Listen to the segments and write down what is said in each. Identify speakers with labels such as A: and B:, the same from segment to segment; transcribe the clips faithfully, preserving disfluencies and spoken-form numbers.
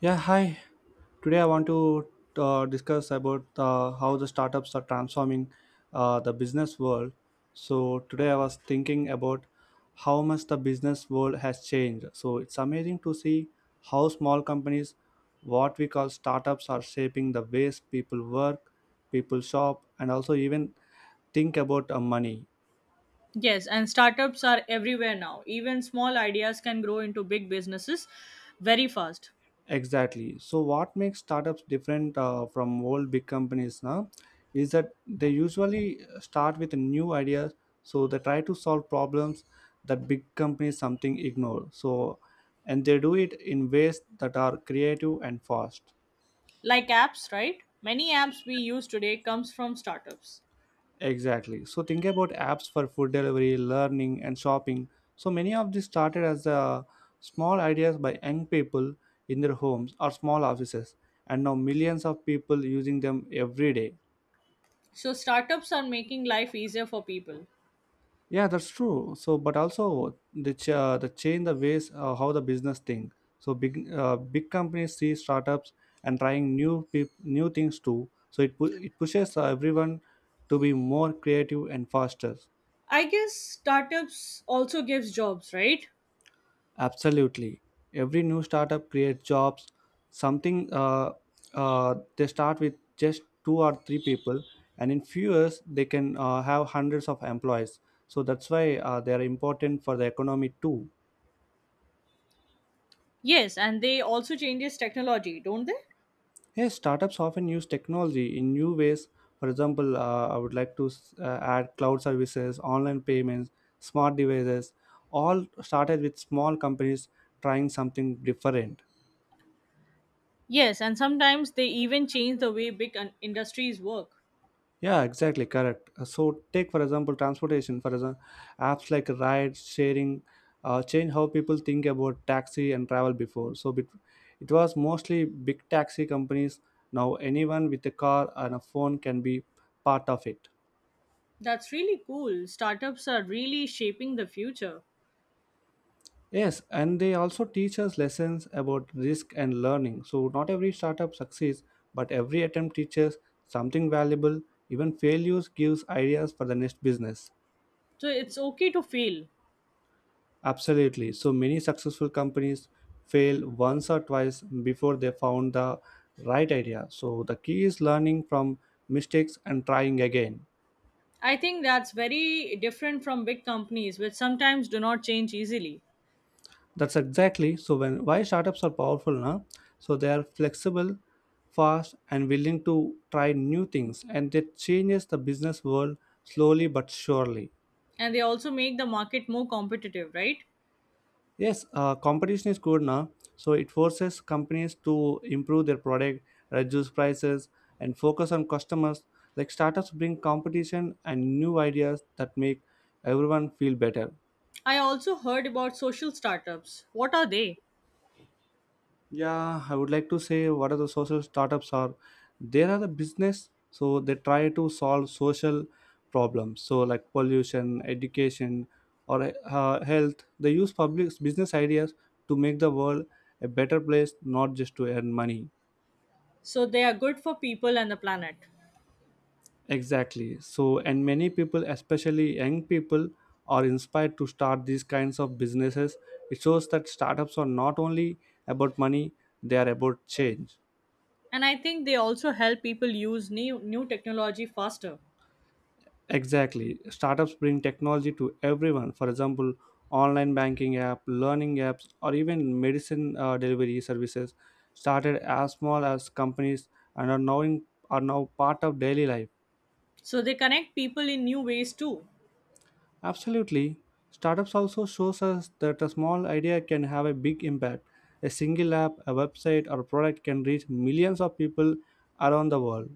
A: Yeah, hi. Today I want to uh, discuss about uh, how the startups are transforming uh, the business world. So today I was thinking about how much the business world has changed. So it's amazing to see how small companies, what we call startups, are shaping the ways people work, people shop, and also even think about uh, money.
B: Yes, and startups are everywhere now. Even small ideas can grow into big businesses very fast.
A: Exactly. So, what makes startups different uh, from old big companies now is that they usually uh, start with new ideas. So, they try to solve problems that big companies something ignore. So, and they do it in ways that are creative and fast.
B: Like apps, right? Many apps we use today comes from startups.
A: Exactly. So, think about apps for food delivery, learning, and shopping. So, many of these started as uh, small ideas by young people in their homes or small offices, and now millions of people using them every day.
B: So startups are making life easier for people.
A: Yeah, that's true. So, but also the ch- uh, the change the ways uh, how the business think. So big uh, big companies see startups and trying new peop- new things too. So it pu- it pushes uh, everyone to be more creative and faster.
B: I guess startups also gives jobs, right?
A: Absolutely, every new startup creates jobs. Something uh, uh, They start with just two or three people, and in few years they can uh, have hundreds of employees. So that's why uh, they are important for the economy too.
B: Yes, and they also changes technology, don't they?
A: Yes, startups often use technology in new ways. For example, uh, I would like to s- uh, add cloud services, online payments, smart devices, all started with small companies trying something different.
B: Yes, and sometimes they even change the way big un- industries work.
A: Yeah, exactly, correct. Uh, So, take for example transportation. For example, apps like ride sharing uh, change how people think about taxi and travel before. So, it, it was mostly big taxi companies. Now, anyone with a car and a phone can be part of it.
B: That's really cool. Startups are really shaping the future.
A: Yes, and they also teach us lessons about risk and learning. So, not every startup succeeds, but every attempt teaches something valuable. Even failures gives ideas for the next business.
B: So it's okay to fail.
A: Absolutely. So, many successful companies fail once or twice before they found the right idea. So, the key is learning from mistakes and trying again.
B: I think that's very different from big companies, which sometimes do not change easily.
A: That's exactly so when why startups are powerful now. So they are flexible, fast, and willing to try new things, and that changes the business world slowly but surely.
B: And they also make the market more competitive, right?
A: Yes, uh, competition is good now, so it forces companies to improve their product, reduce prices, and focus on customers. Like startups bring competition and new ideas that make everyone feel better.
B: I also heard about social startups. What are they?
A: Yeah, I would like to say what are the social startups are. There are the business, so they try to solve social problems, so like pollution, education, or uh, health. They use public business ideas to make the world a better place, not just to earn money.
B: So, they are good for people and the planet.
A: Exactly. So, and many people, especially young people, are inspired to start these kinds of businesses. It shows that startups are not only about money; they are about change.
B: And I think they also help people use new, new technology faster.
A: Exactly. Startups bring technology to everyone. For example, online banking app, learning apps, or even medicine uh, delivery services started as small as companies and are now, in, are now part of daily life.
B: So, they connect people in new ways too.
A: Absolutely. Startups also shows us that a small idea can have a big impact. A single app, a website, or product can reach millions of people around the world.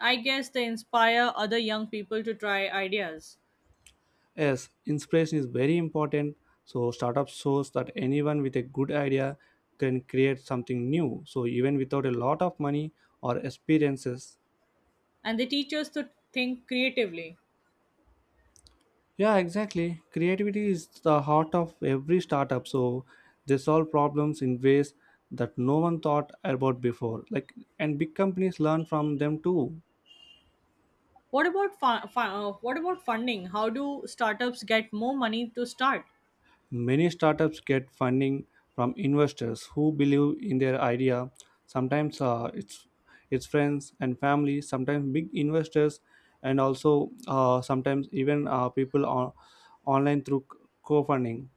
B: I guess they inspire other young people to try ideas.
A: Yes, inspiration is very important. So startup shows that anyone with a good idea can create something new. So even without a lot of money or experiences.
B: And they teach us to think creatively.
A: Yeah, exactly. Creativity is the heart of every startup. So they solve problems in ways that no one thought about before. Like and big companies learn from them too.
B: What about fu- fu- uh, what about funding? How do startups get more money to start?
A: Many startups get funding from investors who believe in their idea. Sometimes uh, it's it's friends and family. Sometimes big investors, and also uh, sometimes even uh, people on online through co-funding.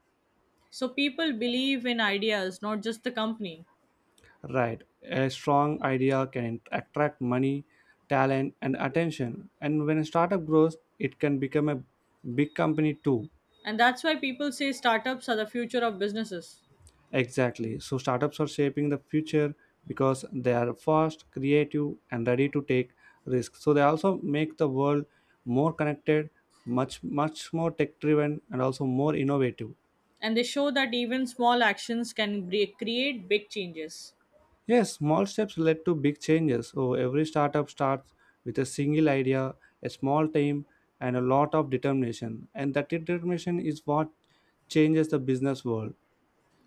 B: So people believe in ideas, not just the company.
A: Right, a strong idea can attract money, talent, and attention. And when a startup grows, it can become a big company too.
B: And that's why people say startups are the future of businesses.
A: Exactly. So startups are shaping the future because they are fast, creative, and ready to take risks. So they also make the world more connected, much much more tech driven, and also more innovative.
B: And they show that even small actions can bre- create big changes.
A: Yes, small steps led to big changes. So every startup starts with a single idea, a small team, and a lot of determination. And that determination is what changes the business world.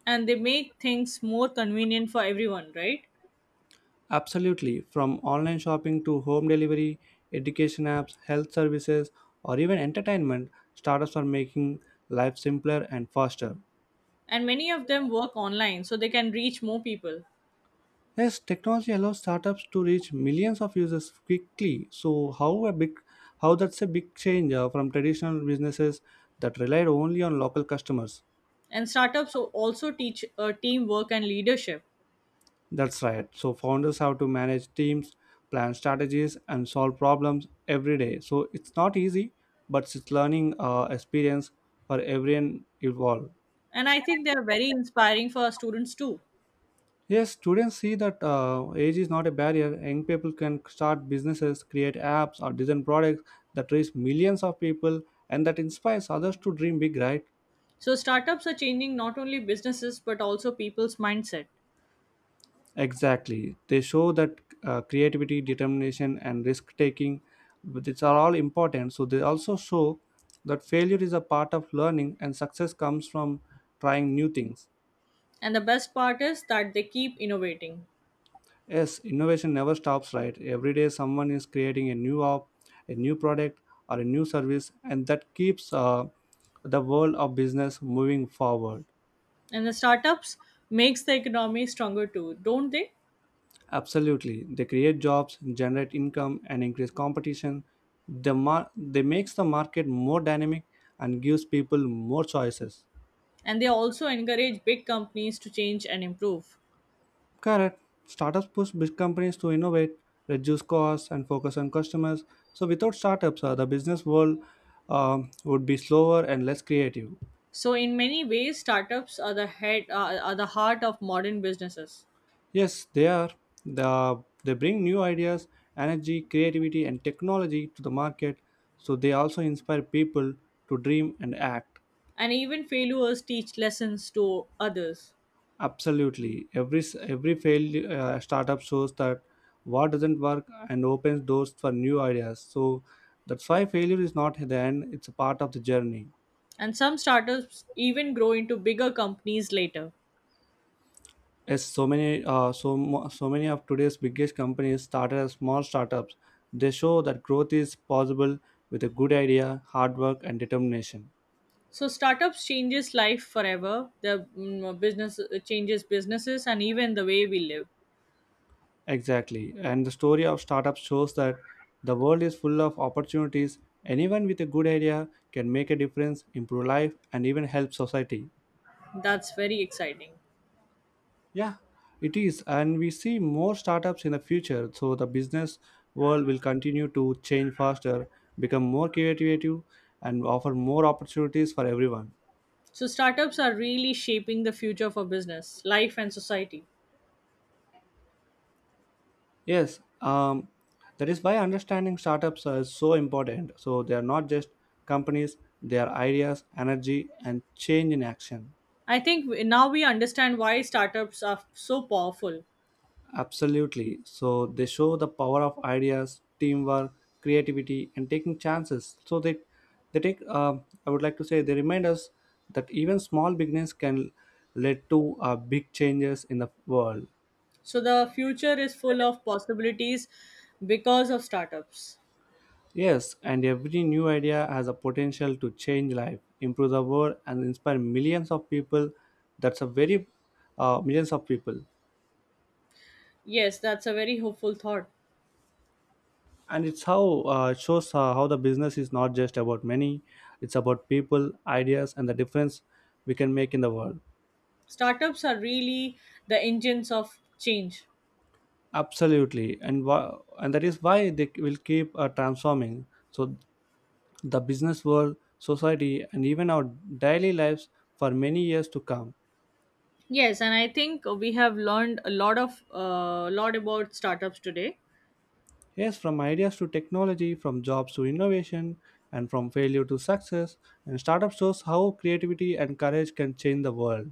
B: And they make things more convenient for everyone, right?
A: Absolutely, from online shopping to home delivery, education apps, health services, or even entertainment, startups are making life simpler and faster.
B: And many of them work online so they can reach more people.
A: Yes, technology allows startups to reach millions of users quickly. So, how a big, how that's a big change uh, from traditional businesses that relied only on local customers.
B: And startups al- also teach uh, teamwork and leadership.
A: That's right. So founders have to manage teams, plan strategies, and solve problems every day. So it's not easy, but it's learning uh, experience for everyone involved.
B: And I think they are very inspiring for our students too.
A: Yes, students see that uh, age is not a barrier. Young people can start businesses, create apps, or design products that reach millions of people, and that inspires others to dream big, right?
B: So, startups are changing not only businesses but also people's mindset.
A: Exactly. They show that uh, creativity, determination, and risk taking, these are all important. So they also show that failure is a part of learning and success comes from trying new things.
B: And the best part is that they keep innovating.
A: Yes, innovation never stops, right? Every day someone is creating a new app, a new product, or a new service, and that keeps uh, the world of business moving forward.
B: And the startups makes the economy stronger too, don't they?
A: Absolutely. They create jobs, generate income, and increase competition. The mar- they makes the market more dynamic and gives people more choices.
B: And they also encourage big companies to change and improve.
A: Correct. Startups push big companies to innovate, reduce costs, and focus on customers. So without startups, uh, the business world um, would be slower and less creative.
B: So, in many ways, startups are the head are, are the heart of modern businesses.
A: Yes, they are. The, they bring new ideas, energy, creativity, and technology to the market. So they also inspire people to dream and act.
B: And even failures teach lessons to others.
A: Absolutely. Every s- every failed uh, startup shows that what doesn't work and opens doors for new ideas. So that's why failure is not the end; it's a part of the journey.
B: And some startups even grow into bigger companies later.
A: Yes, so many uh, so mo- so many of today's biggest companies started as small startups. They show that growth is possible with a good idea, hard work, and determination.
B: So startups changes life forever. The mm, uh, business uh, changes businesses and even the way we live.
A: Exactly. And the story of startups shows that the world is full of opportunities. Anyone with a good idea can make a difference, improve life, and even help society.
B: That's very exciting.
A: Yeah, it is. And we see more startups in the future. So the business world will continue to change faster, become more creative, and offer more opportunities for everyone.
B: So startups are really shaping the future for business, life and society.
A: Yes, um, that is why understanding startups is so important. So they are not just companies, they are ideas, energy, and change in action.
B: I think we- now we understand why startups are so powerful.
A: Absolutely. So they show the power of ideas, teamwork, creativity, and taking chances. So they they take. Um I would like to say they remind us that even small beginnings can lead to uh, big changes in the world.
B: So the future is full of possibilities because of startups.
A: Yes, and every new idea has a potential to change life, improve the world, and inspire millions of people. That's a very uh, Millions of people.
B: Yes, that's a very hopeful thought.
A: And it's how uh, it shows uh, how the business is not just about money, it's about people, ideas, and the difference we can make in the world.
B: Startups are really the engines of change.
A: Absolutely. And why, and that is why they will keep uh, transforming, so the business world, society, and even our daily lives for many years to come.
B: Yes, and I think we have learned a lot of uh, lot about startups today.
A: Yes, from ideas to technology, from jobs to innovation, and from failure to success. And startup shows how creativity and courage can change the world.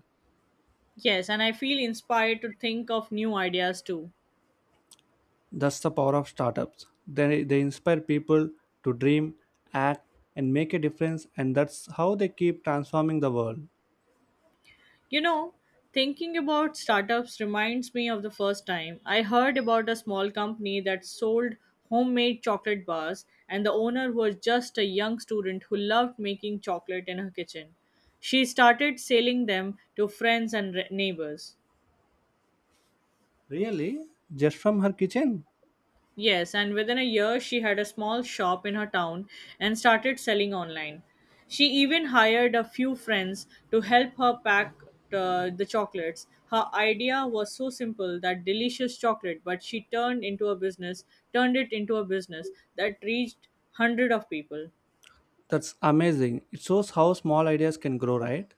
B: Yes, and I feel inspired to think of new ideas too.
A: That's the power of startups. They, they inspire people to dream, act, and make a difference, and that's how they keep transforming the world.
B: You know, Thinking about startups reminds me of the first time I heard about a small company that sold homemade chocolate bars, and the owner was just a young student who loved making chocolate in her kitchen. She started selling them to friends and re- neighbors.
A: Really? Just from her kitchen?
B: Yes, and within a year, she had a small shop in her town and started selling online. She even hired a few friends to help her pack uh, the chocolates. Her idea was so simple that delicious chocolate, but she turned into a business, turned it into a business that reached hundred of people.
A: That's amazing. It shows how small ideas can grow, right?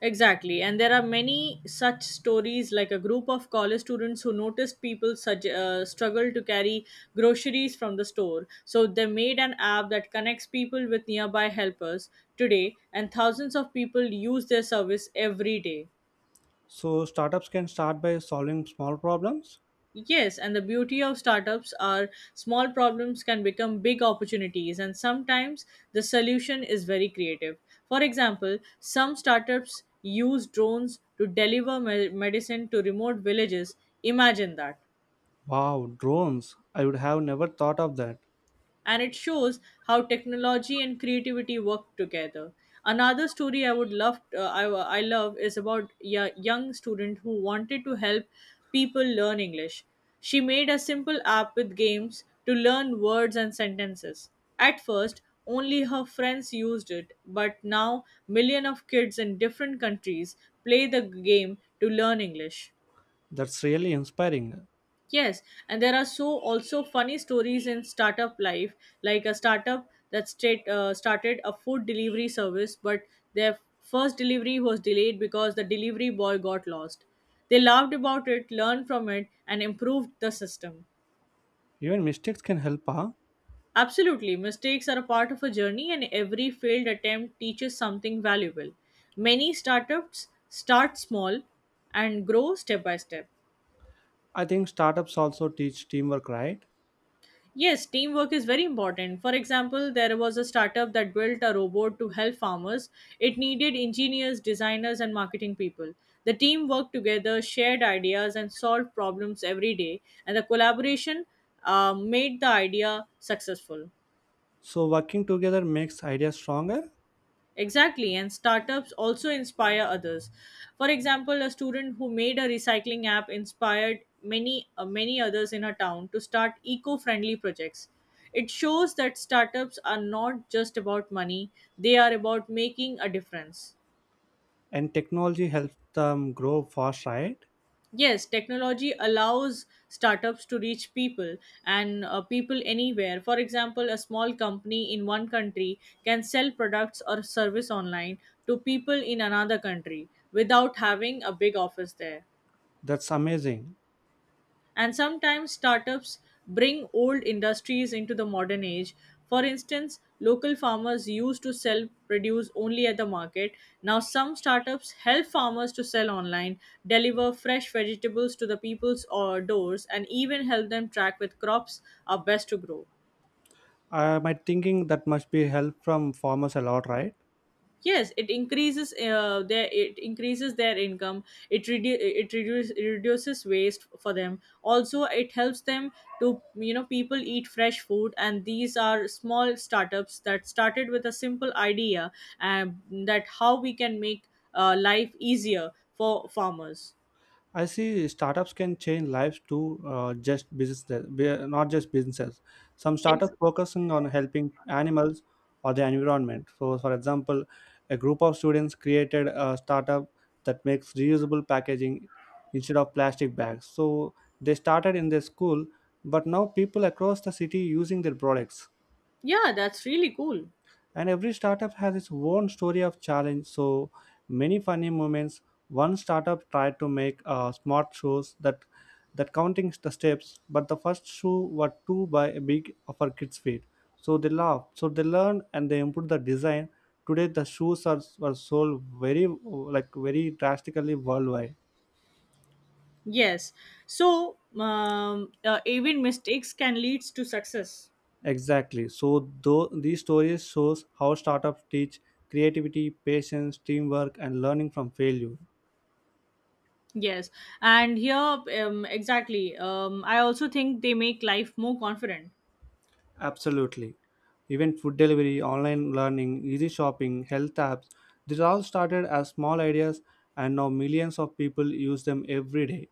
B: Exactly. And there are many such stories, like a group of college students who noticed people such, uh, struggle to carry groceries from the store. So they made an app that connects people with nearby helpers today, and thousands of people use their service every day.
A: So, startups can start by solving small problems?
B: Yes, and the beauty of startups are small problems can become big opportunities, and sometimes the solution is very creative. For example, some startups use drones to deliver me- medicine to remote villages. Imagine that.
A: Wow, drones. I would have never thought of that.
B: And it shows how technology and creativity work together. Another story I would love, uh, I, I love, is about a young student who wanted to help people learn English. She made a simple app with games to learn words and sentences. At first, only her friends used it, but now millions of kids in different countries play the game to learn English.
A: That's really inspiring.
B: Yes, and there are so also funny stories in startup life, like a startup that straight, uh, started a food delivery service, but their first delivery was delayed because the delivery boy got lost. They laughed about it, learned from it, and improved the system.
A: Even mistakes can help, huh?
B: Absolutely, mistakes are a part of a journey, and every failed attempt teaches something valuable. Many startups start small and grow step by step.
A: I think startups also teach teamwork, right?
B: Yes, teamwork is very important. For example, there was a startup that built a robot to help farmers. It needed engineers, designers, and marketing people. The team worked together, shared ideas, and solved problems every day, and the collaboration uh, made the idea successful.
A: So, working together makes ideas stronger?
B: Exactly, and startups also inspire others. For example, a student who made a recycling app inspired many uh, many others in her town to start eco-friendly projects. It shows that startups are not just about money, they are about making a difference.
A: And technology helps them grow fast, right?
B: Yes, technology allows startups to reach people and uh, people anywhere. For example, a small company in one country can sell products or service online to people in another country without having a big office there.
A: That's amazing.
B: And sometimes startups bring old industries into the modern age. For instance, local farmers used to sell produce only at the market. Now, some startups help farmers to sell online, deliver fresh vegetables to the people's uh, doors, and even help them track which crops are best to grow.
A: I might thinking that must be help from farmers a lot, right?
B: Yes, it increases uh, their it increases their income. It redu- it reduce, reduces waste for them. Also it helps them to you know people eat fresh food, and these are small startups that started with a simple idea, and that how we can make uh, life easier for farmers.
A: I see startups can change lives too. Uh, just business be- not just businesses, some
B: Ex-
A: startups focusing on helping animals or the environment. So for example, a group of students created a startup that makes reusable packaging instead of plastic bags. So they started in their school, but now people across the city using their products.
B: yeah, that's really cool.
A: And every startup has its own story of challenge, so many funny moments. One startup tried to make uh, smart shoes that that counting the steps, but the first shoe were too by big for kids feet. So they laughed, so they learned, and they improved the design. Today the shoes are were sold very like very drastically worldwide.
B: Yes, so um, uh, even mistakes can lead to success.
A: Exactly. So though these stories shows how startups teach creativity, patience, teamwork, and learning from failure.
B: Yes, and here um, exactly. Um, I also think they make life more confident.
A: Absolutely. Even food delivery, online learning, easy shopping, health apps, these all started as small ideas, and now millions of people use them every day.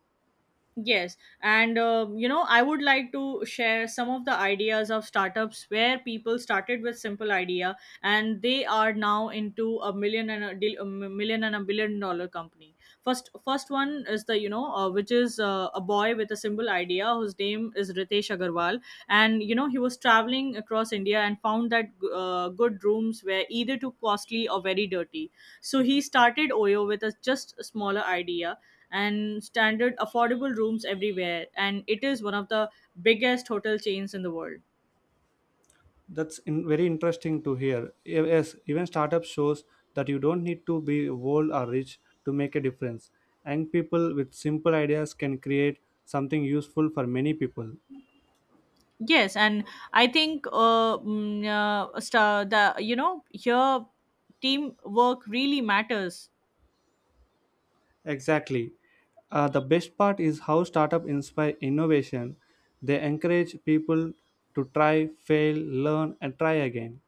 B: Yes, and uh, you know, I would like to share some of the ideas of startups where people started with simple idea and they are now into a million and a, deal, a million and a billion dollar company. First, first one is the you know, uh, which is uh, a boy with a simple idea whose name is Ritesh Agarwal, and you know, he was traveling across India and found that uh, good rooms were either too costly or very dirty. So he started Oyo with a just a smaller idea and standard affordable rooms everywhere, and it is one of the biggest hotel chains in the world.
A: That's in, very interesting to hear. E, Yes, even startup shows that you don't need to be old or rich to make a difference. Young people with simple ideas can create something useful for many people.
B: Yes, and I think uh, mm, uh sta- the you know here teamwork really matters.
A: Exactly. Uh, the best part is how startup inspire innovation. They encourage people to try, fail, learn, and try again.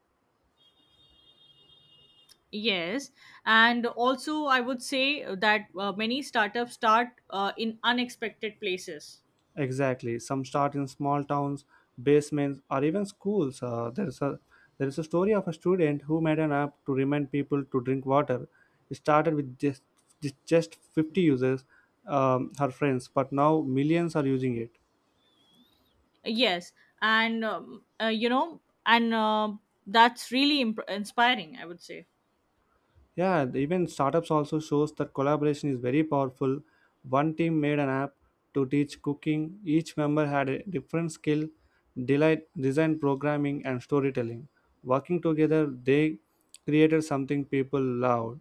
B: Yes, and also I would say that uh, many startups start uh, in unexpected places.
A: Exactly. Some start in small towns, basements, or even schools. Uh, there is a there is a story of a student who made an app to remind people to drink water. It started with just just just fifty users, um, her friends, but now millions are using it.
B: Yes, and um, uh, you know and uh, that's really imp- inspiring, I would say.
A: Yeah, the even startups also shows that collaboration is very powerful. One team made an app to teach cooking. Each member had a different skill, delight, design programming and storytelling. Working together, they created something people loved.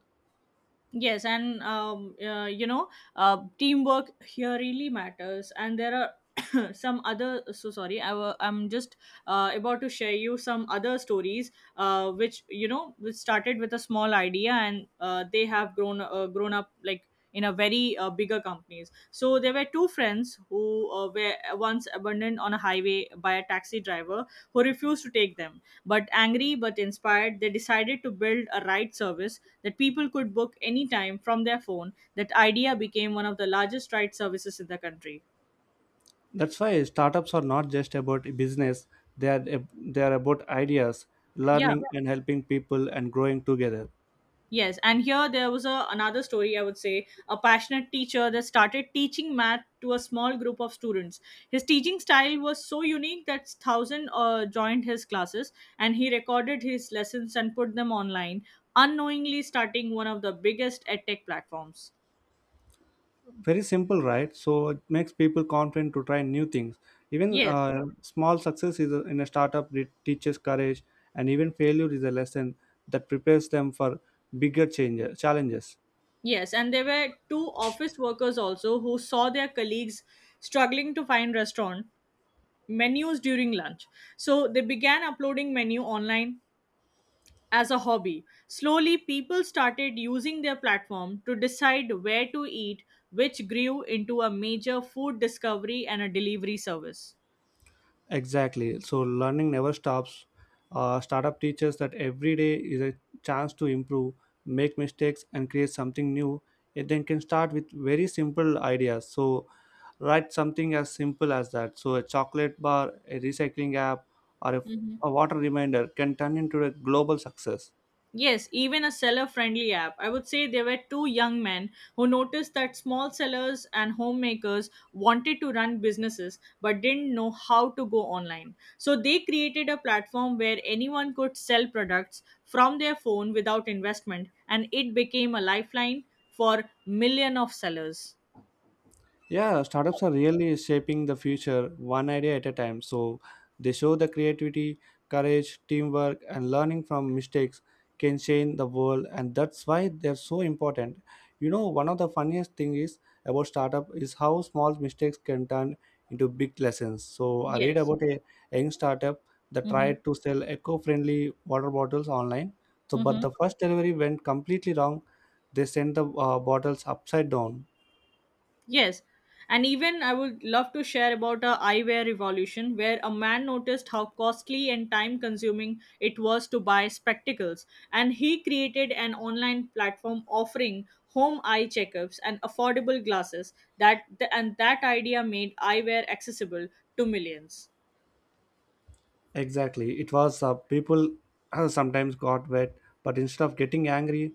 B: Yes, and um, uh, you know, uh, teamwork here really matters. And there are some other uh, so sorry, i w- I'm just uh, about to share you some other stories, uh, which you know which started with a small idea, and uh, they have grown uh, grown up like in a very uh, bigger companies. So there were two friends who uh, were once abandoned on a highway by a taxi driver who refused to take them, but angry but inspired, they decided to build a ride service that people could book anytime from their phone. That idea became one of the largest ride services in the country.
A: That's why startups are not just about business. They are ab- they are about ideas,
B: Yeah.
A: learning and helping people and growing together.
B: Yes, and here there was a, another story, I would say, a passionate teacher that started teaching math to a small group of students. His teaching style was so unique that thousands uh, joined his classes, and he recorded his lessons and put them online, unknowingly starting one of the biggest edtech platforms.
A: Very simple, right? So it makes people confident to try new things. Even
B: Yes,
A: uh, small success is a, in a startup, it teaches courage, and even failure is a lesson that prepares them for bigger change, challenges.
B: yes, and there were two office workers also who saw their colleagues struggling to find restaurant menus during lunch. So they began uploading menu online as a hobby. Slowly, people started using their platform to decide where to eat, which grew into a major food discovery and a delivery service.
A: Exactly. So learning never stops. Uh, startup teaches that every day is a chance to improve, make mistakes, and create something new. It then can start with very simple ideas. So write something as simple as that. So a chocolate bar, a recycling app, or a,
B: Mhm.
A: a water reminder can turn into a global success.
B: Yes, even a seller friendly app. I would say there were two young men who noticed that small sellers and homemakers wanted to run businesses but didn't know how to go online. So they created a platform where anyone could sell products from their phone without investment, and it became a lifeline for million of sellers.
A: Yeah, startups are really shaping the future one idea at a time. So they show the creativity, courage, teamwork, and learning from mistakes can change the world, and that's why they're so important. You know, one of the funniest thing is about startup is how small mistakes can turn into big lessons. So I read
B: Yes.
A: about a young startup that
B: Mm-hmm.
A: tried to sell eco-friendly water bottles online. So, but
B: Mm-hmm.
A: the first delivery went completely wrong. They sent the uh, bottles upside down.
B: Yes, and even I would love to share about a eyewear revolution where a man noticed how costly and time consuming it was to buy spectacles, and he created an online platform offering home eye checkups and affordable glasses that and that idea made eyewear accessible to millions.
A: Exactly. It was uh, people sometimes got wet, but instead of getting angry,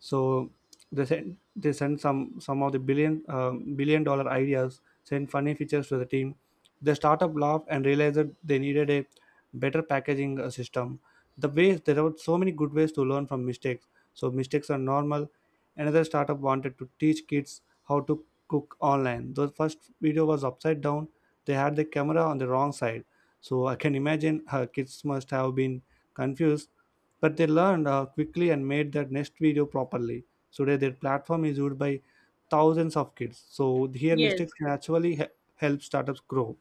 A: so they sent they sent some some of the billion um, billion dollar ideas, sent funny features to the team. The startup laughed and realized that they needed a better packaging uh, system. The ways there are so many good ways to learn from mistakes. So mistakes are normal. Another startup wanted to teach kids how to cook online. The first video was upside down. They had the camera on the wrong side, so I can imagine her kids must have been confused, but they learned uh, quickly and made their next video properly. So today, their platform is used by thousands of kids. So here, mistakes
B: Yes.
A: can actually he- help startups grow.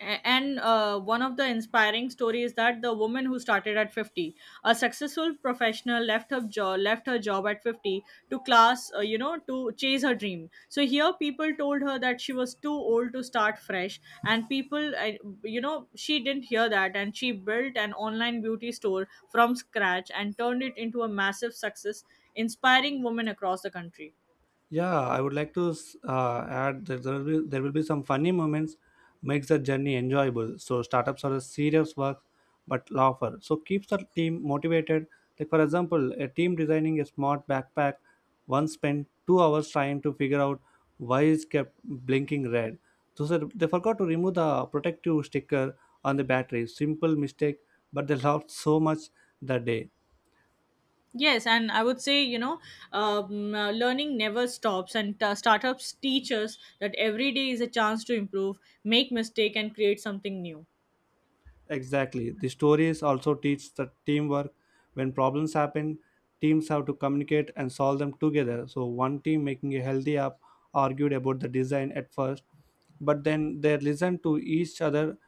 B: A- and uh, one of the inspiring stories, that the woman who started at fifty, a successful professional, left her job left her job at fifty to class uh, you know to chase her dream. So here people told her that she was too old to start fresh, and people uh, you know she didn't hear that, and she built an online beauty store from scratch and turned it into a massive success, inspiring women across the country.
A: Yeah, I would like to uh, add that there will be there will be some funny moments makes the journey enjoyable. So startups are a serious work but laughter. So keeps the team motivated. Like for example, a team designing a smart backpack once spent two hours trying to figure out why it kept blinking red. So sir, they forgot to remove the protective sticker on the battery. Simple mistake, but they laughed so much that day.
B: Yes, and I would say, you know, um, uh, learning never stops, and uh, startups teach us that every day is a chance to improve, make mistake, and create something new.
A: Exactly. The stories also teach the teamwork. When problems happen, teams have to communicate and solve them together. So one team making a healthy app argued about the design at first, but then they listened to each other,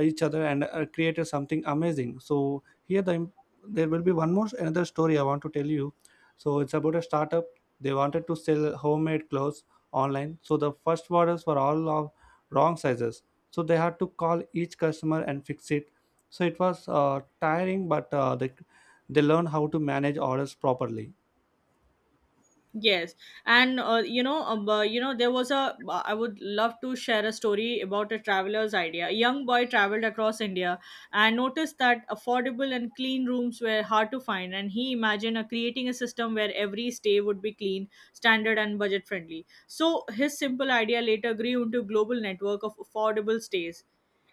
A: each other, and uh, created something amazing. So here the im- there will be one more another story I want to tell you. So it's about a startup. They wanted to sell homemade clothes online. So the first orders were all of wrong sizes, so they had to call each customer and fix it, so it was uh, tiring, but uh, they, they learned how to manage orders properly.
B: Yes, and uh, you know, um, uh, you know, there was a. uh, I would love to share a story about a traveler's idea. A young boy traveled across India and noticed that affordable and clean rooms were hard to find, and he imagined uh, creating a system where every stay would be clean, standard, and budget friendly. So his simple idea later grew into a global network of affordable stays.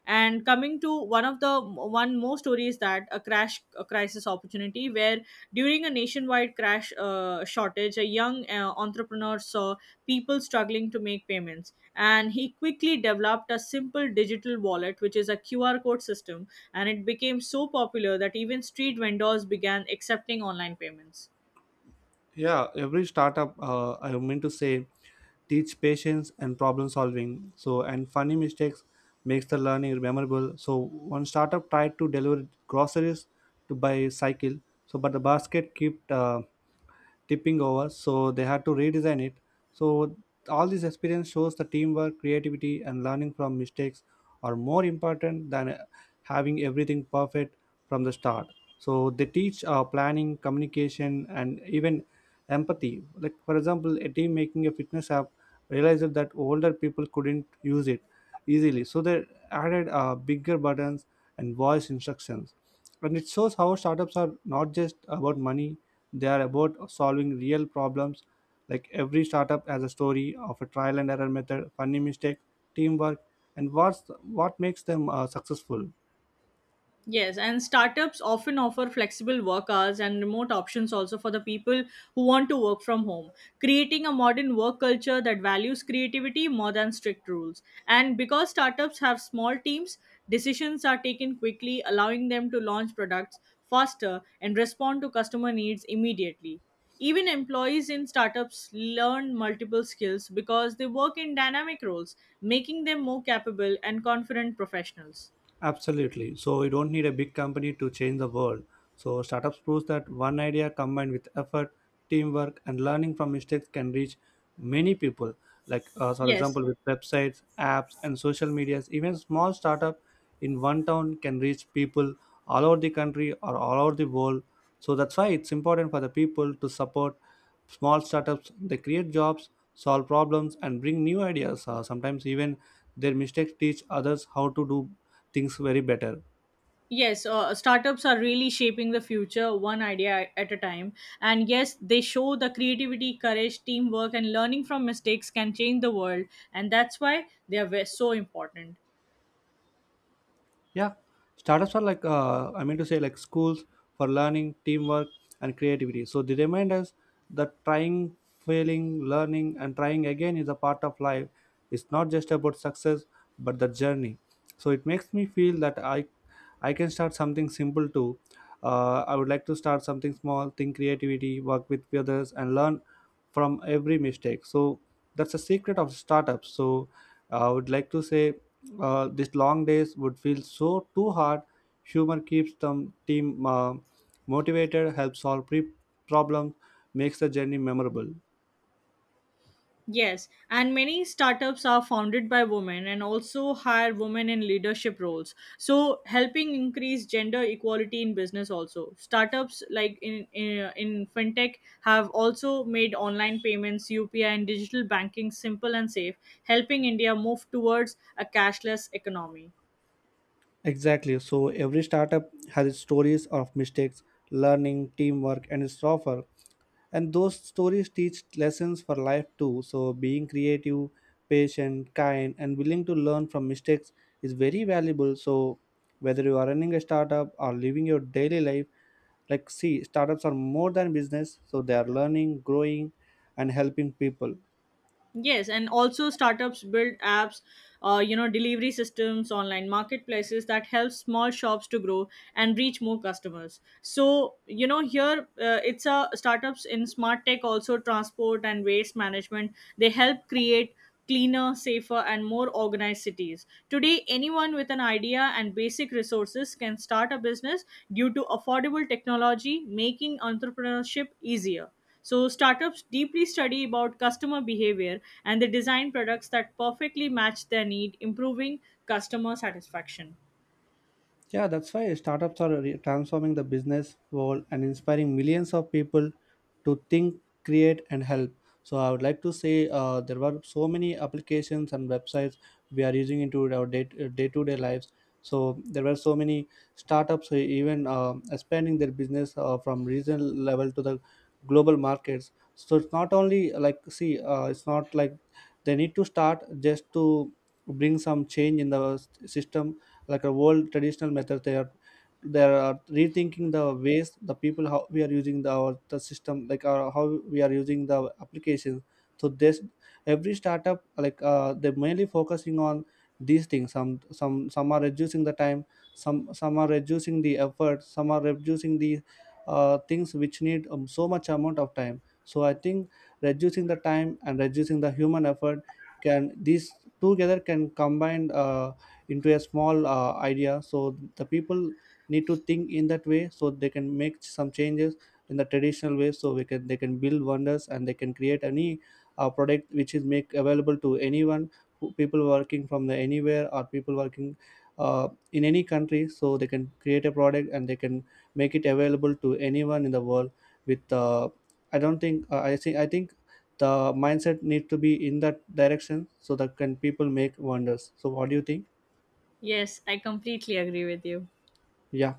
B: And coming to one of the one more story is that a crash a crisis opportunity where during a nationwide crash uh, shortage, a young uh, entrepreneur saw people struggling to make payments, and he quickly developed a simple digital wallet, which is a Q R code system, and it became so popular that even street vendors began accepting online payments.
A: Yeah, every startup uh, I mean to say teach patience and problem solving, so and funny mistakes makes the learning memorable. So one startup tried to deliver groceries to by cycle, so but the basket kept uh, tipping over, so they had to redesign it. So all this experience shows the teamwork, creativity, and learning from mistakes are more important than uh, having everything perfect from the start. So they teach uh, planning, communication, and even empathy. Like for example, a team making a fitness app realized that older people couldn't use it easily, so they added uh, bigger buttons and voice instructions. And it shows how startups are not just about money, they are about solving real problems. Like every startup has a story of a trial and error method, funny mistake, teamwork, and what's what makes them uh, successful.
B: Yes, and startups often offer flexible work hours and remote options also for the people who want to work from home, creating a modern work culture that values creativity more than strict rules. And because startups have small teams, decisions are taken quickly, allowing them to launch products faster and respond to customer needs immediately. Even employees in startups learn multiple skills because they work in dynamic roles, making them more capable and confident professionals.
A: Absolutely. So you don't need a big company to change the world. So startups proves that one idea combined with effort, teamwork, and learning from mistakes can reach many people. Like uh, for
B: Yes,
A: example, with websites, apps, and social medias, even small startups in one town can reach people all over the country or all over the world. So that's why it's important for the people to support small startups. They create jobs, solve problems, and bring new ideas. Uh, sometimes even their mistakes teach others how to do things very better.
B: yes, uh, startups are really shaping the future one idea at a time. And yes, they show the creativity, courage, teamwork, and learning from mistakes can change the world. And that's why they are ve- so important.
A: Yeah, startups are like uh, I mean to say like schools for learning, teamwork, and creativity. So they remind us that trying, failing, learning, and trying again is a part of life. It's not just about success, but the journey. So it makes me feel that I, I can start something simple too. Uh, I would like to start something small, think creativity, work with others, and learn from every mistake. So that's the secret of startups. So I would like to say uh, these long days would feel so too hard. Humor keeps the team uh, motivated, helps solve pre- problems, makes the journey memorable.
B: Yes, and many startups are founded by women and also hire women in leadership roles. So, helping increase gender equality in business also. Startups like in in, in fintech have also made online payments, U P I and digital banking simple and safe, helping India move towards a cashless economy.
A: Exactly. So every startup has its stories of mistakes, learning, teamwork, and its offer. And those stories teach lessons for life too. So being creative, patient, kind, and willing to learn from mistakes is very valuable. So whether you are running a startup or living your daily life, like see, startups are more than business. So they are learning, growing, and helping people.
B: Yes, and also startups build apps, uh, you know, delivery systems, online marketplaces that help small shops to grow and reach more customers. So, you know, here uh, it's a startups in smart tech, also transport and waste management. They help create cleaner, safer, and more organized cities. Today, anyone with an idea and basic resources can start a business due to affordable technology, making entrepreneurship easier. So startups deeply study about customer behavior and they design products that perfectly match their need, improving customer satisfaction.
A: Yeah, that's why startups are re- transforming the business world and inspiring millions of people to think, create, and help. So I would like to say uh, there were so many applications and websites we are using into our day to day lives. So there were so many startups who even uh, expanding their business uh, from regional level to the global markets. So it's not only like see, uh, it's not like they need to start just to bring some change in the s- system, like a old traditional method, they are they are rethinking the ways the people how we are using the our the system, like uh, how we are using the application. So this every startup, like uh, they're mainly focusing on these things. Some some some are reducing the time, some some are reducing the effort, some are reducing the uh, things which need um, so much amount of time. So I think reducing the time and reducing the human effort, can these together can combine uh, into a small uh, idea. So the people need to think in that way, so they can make some changes in the traditional way, so we can they can build wonders, and they can create any uh, product which is make available to anyone who, people working from the anywhere, or people working uh, in any country. So they can create a product and they can make it available to anyone in the world with uh, I don't think uh, i think i think the mindset need to be in that direction, so that can people make wonders. So what do you think?
B: Yes, I completely agree with you.
A: Yeah.